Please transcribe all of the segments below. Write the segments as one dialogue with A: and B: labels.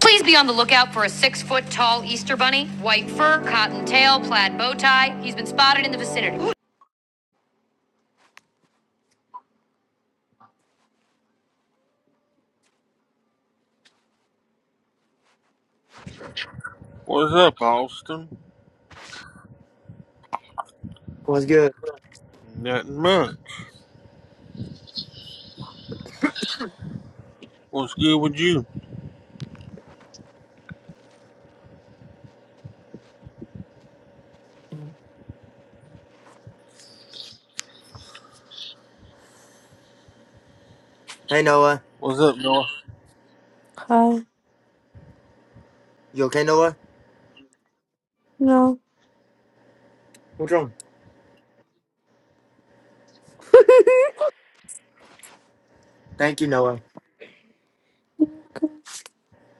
A: Please be on the lookout for a six foot tall Easter bunny, white fur, cotton tail, plaid bow tie. He's been spotted in the vicinity.
B: What's up, Austin?
C: What's good?
B: Nothing much. What's good with you?
C: Hey Noah,
B: What's up, North?
A: Hi.
C: you okay, Noah?
A: No.
C: What's wrong? Thank you, Noah.
A: Come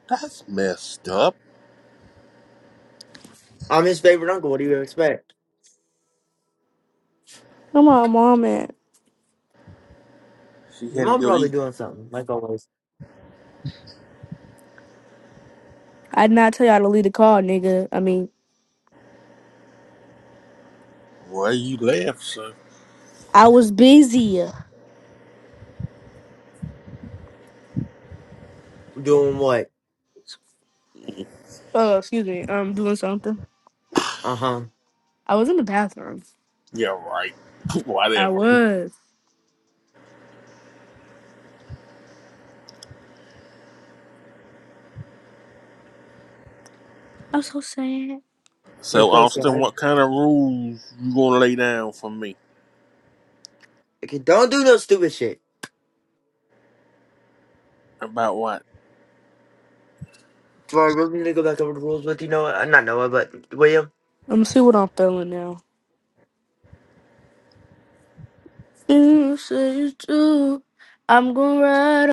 B: That's messed up.
C: I'm his favorite uncle. What do you expect?
A: on, mom, man.
B: She
C: Your
B: had to
C: mom
B: go
C: probably
B: eat.
C: doing something, like always.
A: I did not tell y'all to leave the call, nigga. I mean,
B: Well, you left, so
A: I was busy.
C: Doing what?
A: Oh, excuse me. I'm doing something.
C: Uh huh.
A: I was in the bathroom.
B: yeah, right.
A: I
B: Whatever.
A: was. I'm so sad.
C: You're
B: So,
C: so
B: Austin,
C: sad.
B: what kind of rules you gonna lay down for me
C: Okay, don't do no stupid shit.
B: about what?
C: Do I really need to go back over the rules with you, Noah? Uh, not Noah, but William.
A: Let me see what I'm feeling now. You say it's true. I'm gonna ride.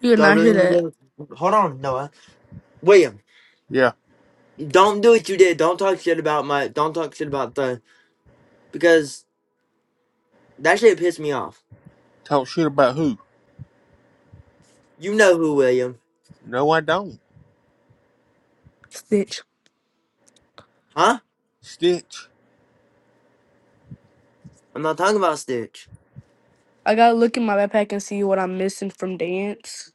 A: You did
C: Do I
A: not hear
C: really need to
A: that,
C: go? Hold on, Noah. William,
B: Yeah,
C: don't do what you did. Don't talk shit about my. Don't talk shit about the because that shit pissed me off.
B: talk shit about who?
C: You know who, William?
B: No, I don't.
A: Stitch.
C: Huh?
B: Stitch.
C: I'm not talking about Stitch.
A: I gotta look in my backpack and see what I'm missing from dance.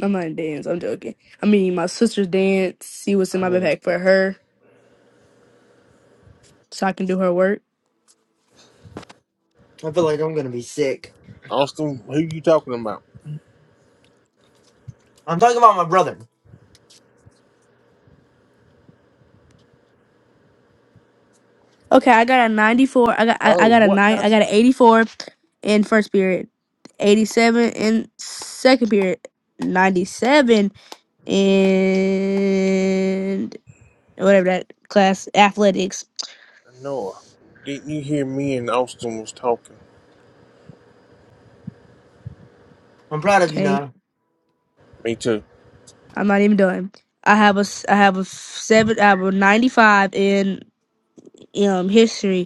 A: I'm not in dance. I'm joking. I mean, my sister's dance. See what's in
B: I
A: my
B: don't.
A: backpack for her, so I can do her work.
C: I feel like I'm gonna be sick.
B: Austin, who you talking about?
C: I'm talking about my brother.
A: Okay, I got a 94. I got I,
B: Oh,
A: I got a
B: what?
A: nine. I
B: That's
A: got an 84 in first period, 87 in second period, 97 and whatever that class athletics.
B: Noah. Didn't you hear me and Austin was talking?
C: I'm proud of you
A: Okay,
C: now.
B: Me too.
A: I'm not even done. I have a s- I have a seven. I have a 95 in um history.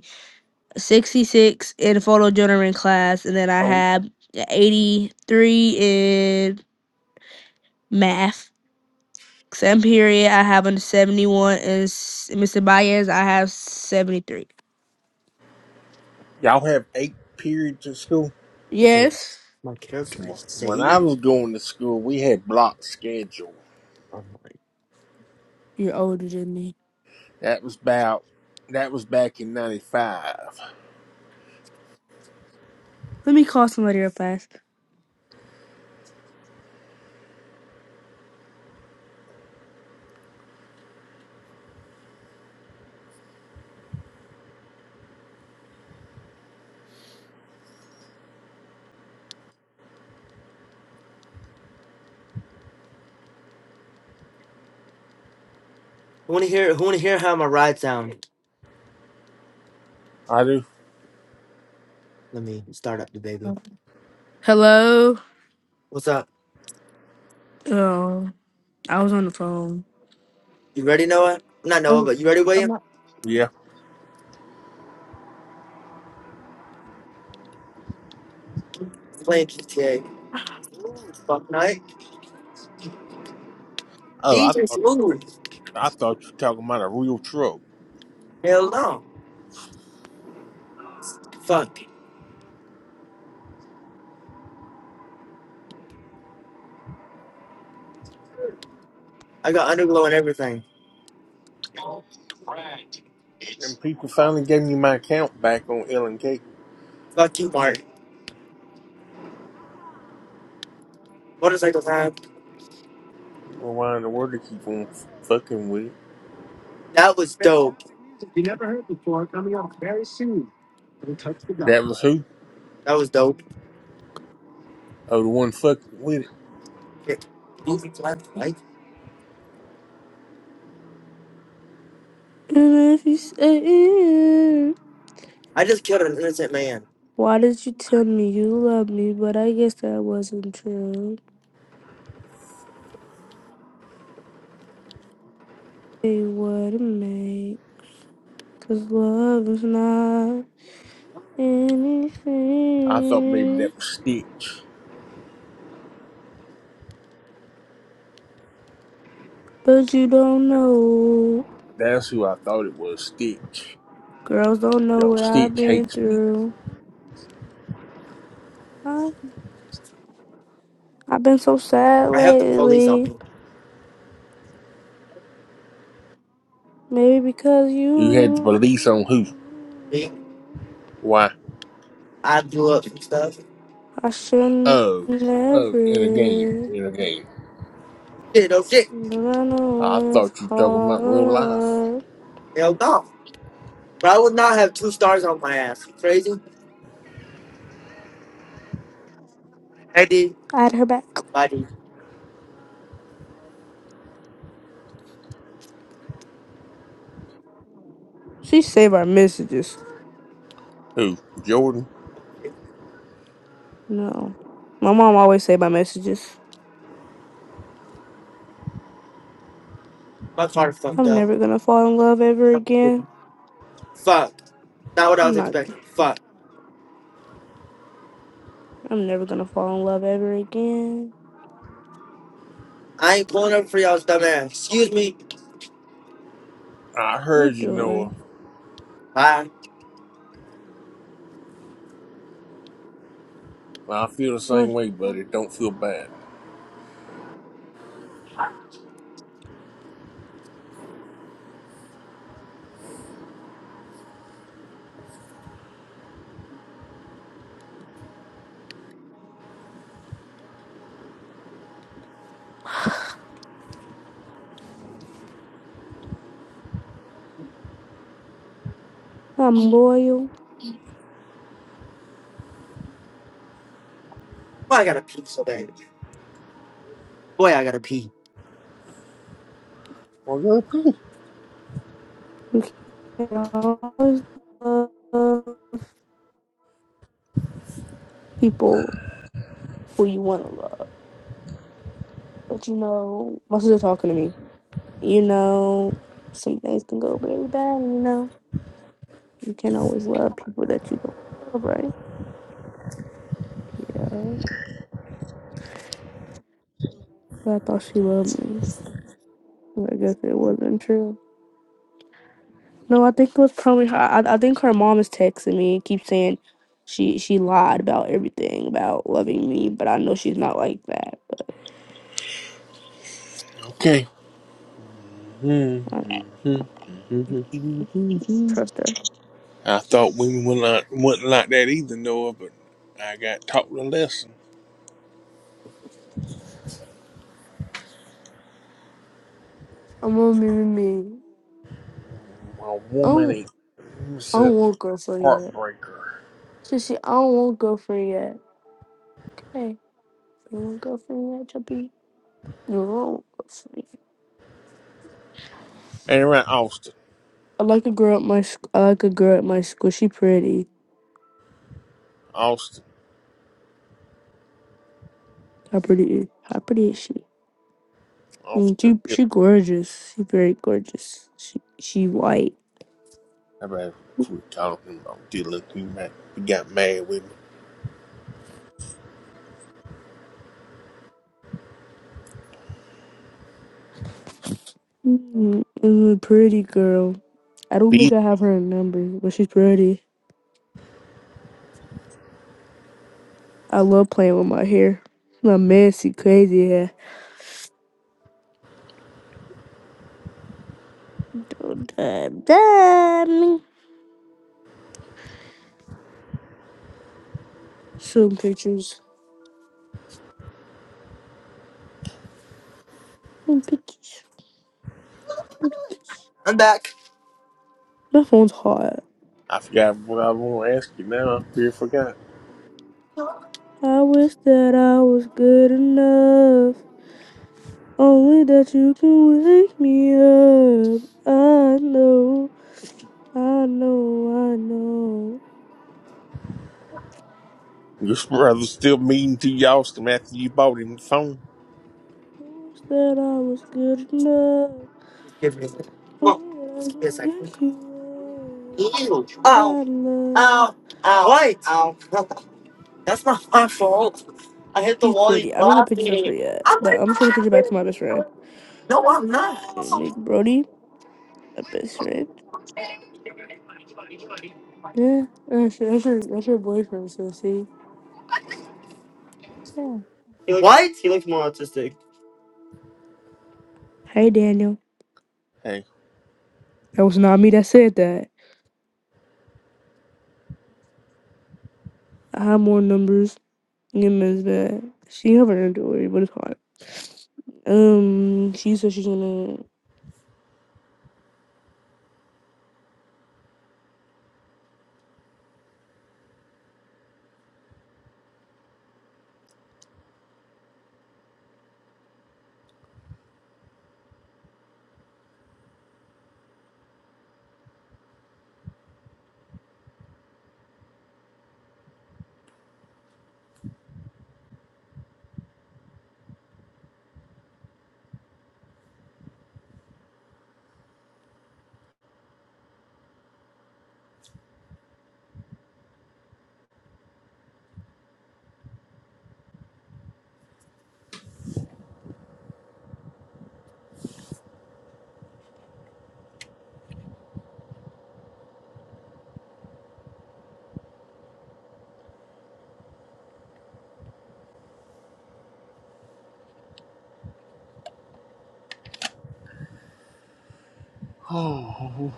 A: 66 in photo journaling class, and then I
B: Oh.
A: have 83 in math. Same period, I have a 71, and Mr. Baez, I have 73.
B: Y'all have eight periods of school?
C: Wait,
A: Yes,
C: my character is
B: When I
C: saved.
B: was going to school, we had block schedule.
C: Oh my.
A: you're older than me.
B: That was about that was back in '95.
A: Let me call somebody real fast.
C: Who wanna hear? Who wanna hear how my ride sound?
B: I do.
C: Let me start up the baby.
A: Hello?
C: What's up?
A: Oh, I was on the phone.
C: You ready, Noah? Not Noah, but you ready, William?
B: Yeah.
C: Playing GTA. Ooh, Fuck night.
B: Oh, I
C: Jesus,
B: thought
C: ooh.
B: I thought you were talking about a real truck.
C: Hell no. Fuck. I got underglow and everything.
B: And people finally gave me my account back on L and K. I
C: Fuck you, Mark. Motorcycle time.
B: don't know Why in the world they keep on f- fucking with it?
C: That was dope.
B: That was who?
C: That was dope.
B: Oh, the one fucking with it.
C: Okay. Moving flag light.
A: And if you say
C: I just killed an innocent man.
A: why did you tell me you love me? But I guess that wasn't true. Hey, what a mate. 'cause love is not.
B: I thought maybe
A: anything,
B: that was Stitch.
A: but you don't know.
B: That's who I thought it was, Stitch.
A: Girls don't know
B: Yo,
A: what I've
B: Stitch
A: been
B: hates me.
A: through. I- I've been so sad
C: I have the police on
A: lately,
C: me.
A: maybe because
B: You had the
A: you.
B: police on who?
C: Me,
B: Why?
C: I blew up some stuff.
A: I shouldn't
B: Oh, oh, in a game,
A: never,
B: in a game.
C: shit, oh shit.
A: but I
B: I
A: know it's
B: thought you were talking about real life.
A: hard.
C: Hell no. But I would not have two stars on my ass. You crazy? Heady,
A: Add her back.
C: body.
A: She saved our messages.
B: Who, Jordan?
A: No, my mom always saved my messages.
C: My car fucked
A: I'm
C: up.
A: never gonna fall in love ever again.
C: Fuck. Not what I
A: I'm
C: was
A: not.
C: expecting. Fuck.
A: I'm never gonna fall in love ever again.
C: I ain't pulling up for y'all's dumb ass. Excuse me.
B: I
A: What you
B: heard you, Noah.
A: doing?
C: Bye.
B: I feel the same
A: What-
B: way, buddy. Don't feel bad.
A: I'm loyal.
C: Boy, I gotta pee so bad. Boy, I gotta pee.
B: Well, you're okay.
A: You can always love people who you want to love. But you know, my sister talking to me. You know, some things can go very bad. You know, you can't always love people that you don't love, right? Yeah. But I thought she loved me. But I guess it wasn't true. No, I think it was probably her. I, I think her mom is texting me and keeps saying she she lied about everything about loving me, but I know she's not like that.
B: Okay.
A: I, I don't believe her no more. I don't trust her.
B: I thought women were not, wasn't like that either, Noah, but I got taught a lesson.
A: I'm gonna be with me.
B: A
A: I
B: woman
A: don't,
B: ain't it's
A: I
B: a
A: don't want girlfriend yet.
B: heartbreaker.
A: She she I don't want girlfriend yet. Okay, you want girlfriend yet, Chubby? No, I don't want girlfriend.
B: And around Austin,
A: I like a girl at my sc- I like a girl at my school. She pretty.
B: Austin,
A: How pretty is how pretty is she? Mm,
B: Austin.
A: She
B: Dylan.
A: she gorgeous. She very gorgeous. She she white.
B: I better quit calling him. I'm Dylan. He, might, he got mad with
A: Mm, is pretty girl. I don't
B: me.
A: think I have her number, but she's pretty. I love playing with my hair. My messy, crazy hair. Don't dab, dab me. Some pictures. Some pictures. Some pictures.
C: I'm back.
A: My phone's hot.
B: I forgot what I want to ask you now. I really forgot.
A: I wish that I was good enough. Only that you can wake me up. I know. I know, I know.
B: Your brother's still mean to you, Austin, after you bought him the phone.
A: I wish that I was good enough.
C: Just give me a second. Come on.
A: Only that
C: Just
A: I
C: give me a
A: can
C: second.
A: wake you up.
C: Ew. Ow.
A: My love.
C: Ow. Ow. What? Ow. That's not my fault. I hit the
A: She's
C: wall. He's
A: pretty. I don't have pictures of her
C: laughing.
A: yet,
C: I'm
A: but
C: like
A: I'm gonna send a picture back to
C: laughing.
A: my best friend.
C: No, I'm not.
A: And make Brody, my best friend. Yeah, that's your, that's your, that's your boyfriend, so see? Yeah.
C: He looked, what? He looks more autistic.
A: Hey, Daniel.
B: Hey.
A: That was not me that said that. I have more numbers in Ms. Bad. She have her underwear, but it's hard. Um, she said she's gonna
B: Oh,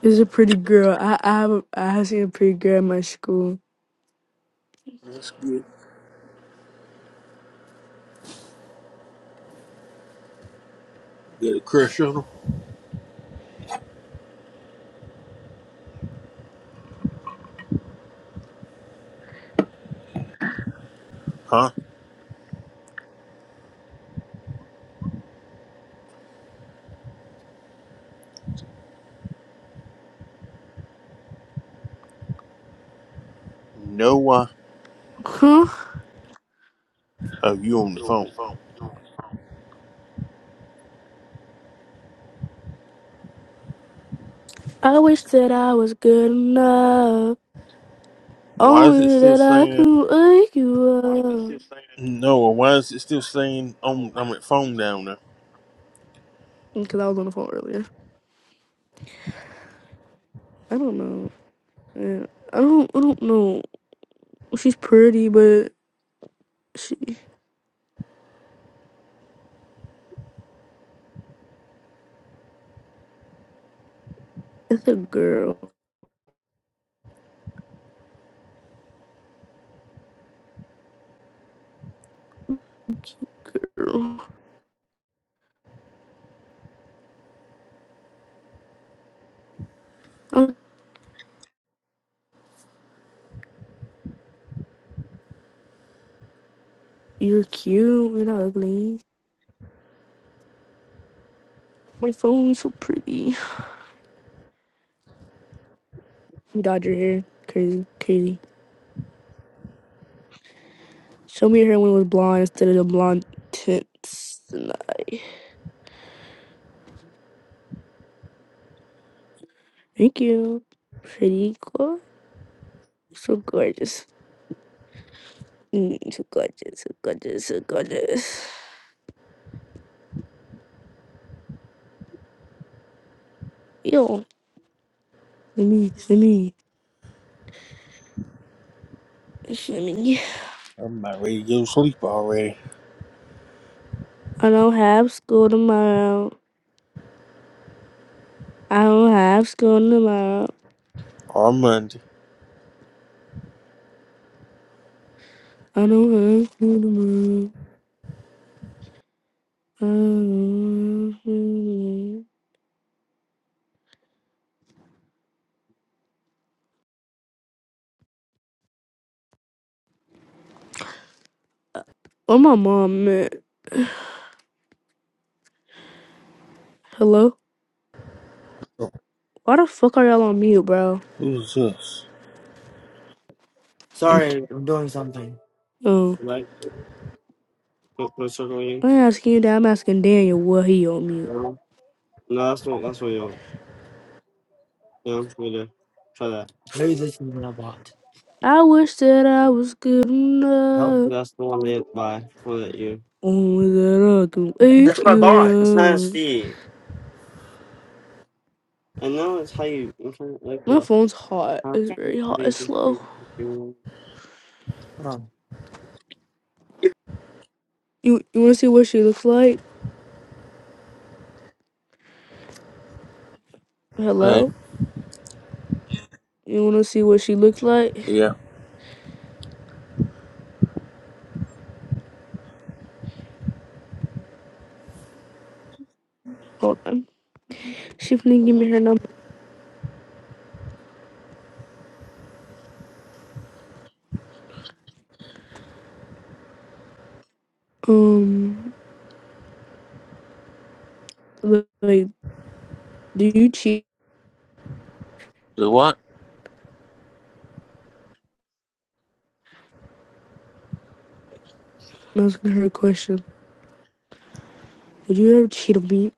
A: It's a pretty girl. I I have a- I have seen a pretty girl at my school.
B: that's good. Got a crush on him? Huh? Noah.
A: Huh?
B: Oh, you on the phone.
A: I wish that I was good enough.
B: Why is it
A: Only
B: still
A: that I
B: saying
A: can wake you up.
B: Noah? Why is it still saying on, I'm at phone down there?
A: Because I was on the phone earlier. I don't know. Yeah. I don't I don't know. She's pretty, but she it's a girl. Girl. Oh, you're cute. You're not ugly. My phone's so pretty. You dyed your hair. Crazy. Crazy. Show me your hair when it was blonde instead of the blonde tints tonight. Thank you. Pretty girl. So gorgeous. Mm, so gorgeous. So gorgeous. So gorgeous. Yo. Let me. Let me. Let me.
B: I'm about ready to go to sleep already.
A: I don't have school tomorrow. I don't have school tomorrow.
B: On Monday.
A: I don't have school tomorrow. I don't have school tomorrow. Oh, my mom, man. Hello? Why the fuck are y'all on mute, bro?
B: Who's this?
C: Sorry, I'm doing something.
A: Oh.
C: Like, what, what circle you?
A: I'm asking you that. I'm asking Daniel what he on mute.
C: No, No, that's not. That's what you want. Yeah, we do. Try that. Maybe this is what I bought.
A: I wish that I was good
C: Nope.
A: enough.
C: That's the one they buy for that you.
A: Only that I can
C: That's
A: wake
C: what I bought. It's not a
A: you up.
C: fee. I know it's how you. i like
A: My
C: the.
A: phone's hot. It's very hot. It's slow.
C: Hold on.
A: You you wanna see what she looks like?
B: Hey.
A: Hello? You wanna see what she looks like?
B: Yeah.
A: Hold on. She finna give me her number. Um look, like, do you cheat?
B: Do what?
A: I'm asking her a question. Would you ever cheat on me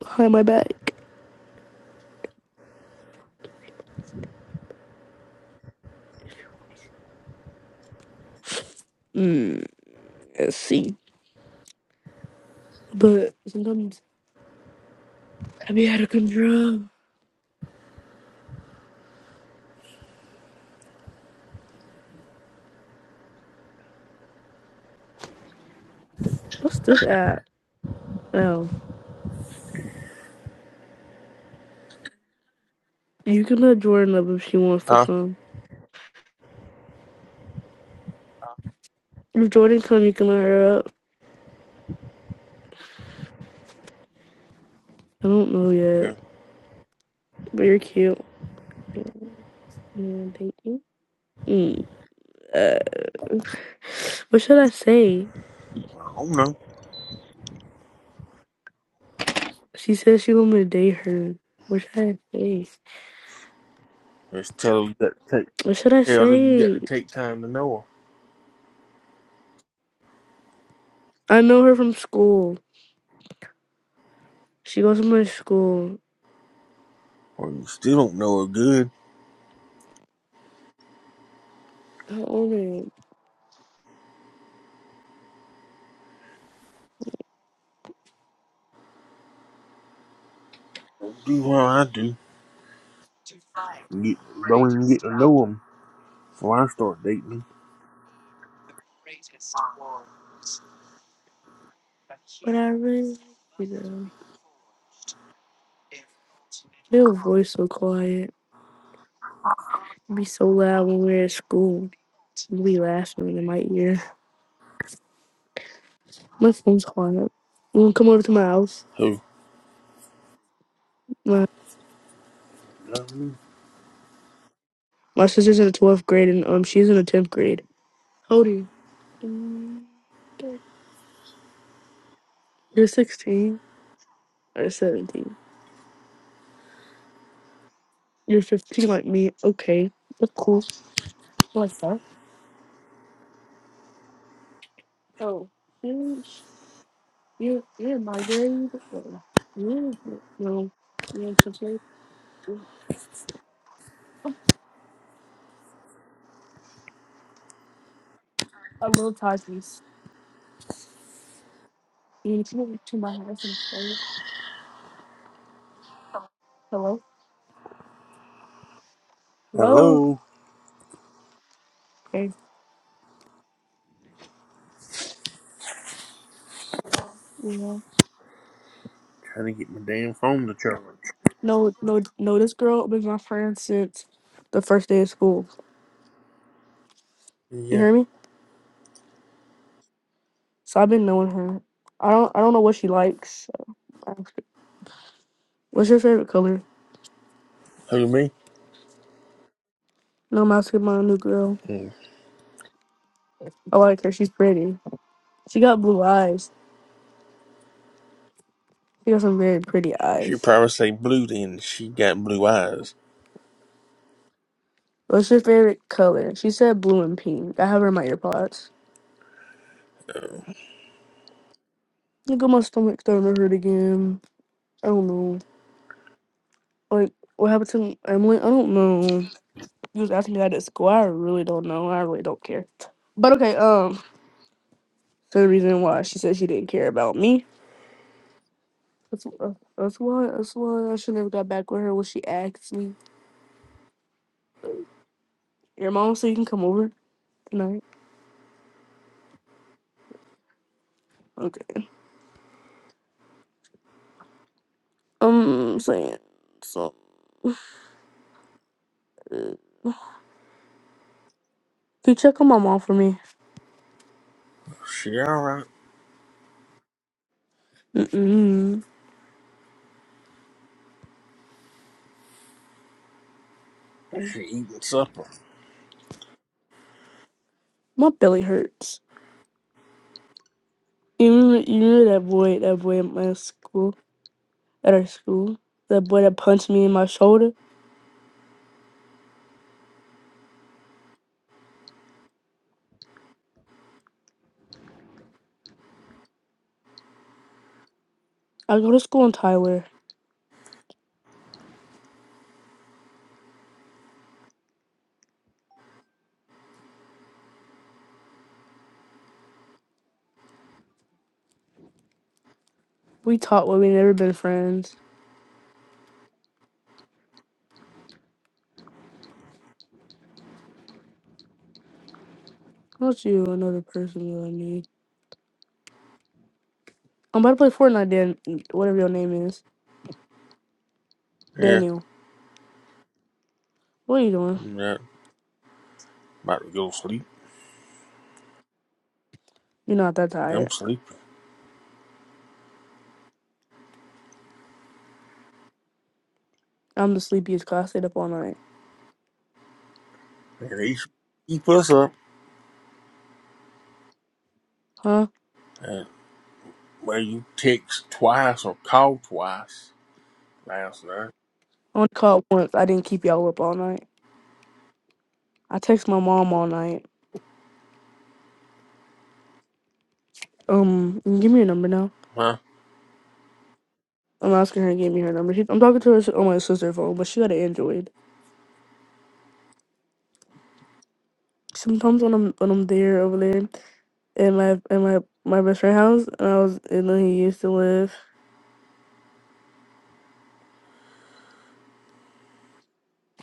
A: behind my back? Mm, let's see. But sometimes I be out of control. What's this app? Oh, you can let Jordan up if she wants to
B: Huh?
A: come. If Jordan come, you can let her up. I don't know yet,
B: Yeah.
A: but you're cute. Yeah, yeah, thank you. Mm, uh, what should I say?
B: I don't know.
A: She says she want me to date her. What should I say?
B: Just tell her you got to take,
A: What should I
B: tell her you got
A: say?
B: to take time to know her.
A: I know her from school. She goes to my school.
B: Or you still don't know her good.
A: How old are you?
B: do what I do. You Get, don't even get to know them before I start dating them.
A: But I really, you know, your voice so quiet. It'd Be so loud when we're at school. You be laughing in my ear. My phone's quiet. You wanna come over to my house?
B: Who?
A: My my sister's in the twelfth grade and um she's in the tenth grade. How old are you? Mm, thir- You're sixteen or seventeen. You're fifteen like me. Okay. That's cool. I like that. Oh. You're you're you're in my grade. Oh, You're no. You're in tenth grade. I love Takis. You want come over to my house and play? Hello? Hello?
B: Hello?
A: Okay. Yeah.
B: Trying to get my damn phone to charge.
A: No, no, no. This girl been my friend since the first day of school. You
B: Yeah.
A: hear me? So I've been knowing her. I don't, I don't know what she likes. What's your favorite color?
B: Who, me?
A: No, I'm asking my new girl.
B: Hmm.
A: I like her. She's pretty. She got blue eyes. She got some very pretty
B: She
A: eyes.
B: probably say blue then. She got blue eyes.
A: What's your favorite color? She said blue and pink. I have her in my earpods. Look at my stomach starting to hurt again. I don't know. Like, what happened to Emily? I don't know. You was asking me that at school. I really don't know. I really don't care. But okay, um. So the reason why she said she didn't care about me. That's why. That's why. That's why I should never got back with her when she asked me. Your mom said you can come over tonight. Okay. Um, saying so. Uh, can you check on my mom for me?
B: She alright.
A: Mm-mm.
B: She eating supper.
A: My belly hurts. You remember, you remember that boy? That boy at my school. At our school. That boy that punched me in my shoulder. I go to school in Tyler. We talked, but we never been friends. Not you, another person that I knew. I'm about to play Fortnite, Dan. Whatever your name is,
B: Yeah.
A: Daniel. What are you doing?
B: yeah. About to go sleep.
A: You're not that
B: I'm
A: tired.
B: sleepy.
A: I'm the sleepiest cause I stayed up all night.
B: And they keep us up.
A: Huh?
B: And, well, you text twice or call twice last night.
A: I only called once. I didn't keep y'all up all night. I text my mom all night. Um, give me your number now.
B: Huh?
A: I'm asking her to give me her number. She, I'm talking to her s- on my sister's phone, but she got an Android. Sometimes when I'm when I'm there over there in my in my my best friend's house, and I was and then he used to live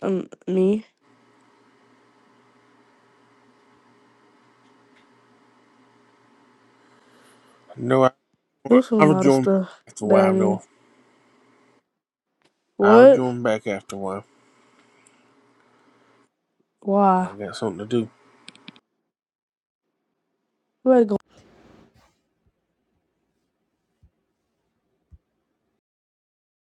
A: um me.
B: No, I,
A: There was a
B: I
A: lot of
B: rejoined
A: stuff
B: after a
A: that I
B: while. No
A: knew.
B: I'll
A: What?
B: join back after a while.
A: Why?
B: I got something to do.
A: Who had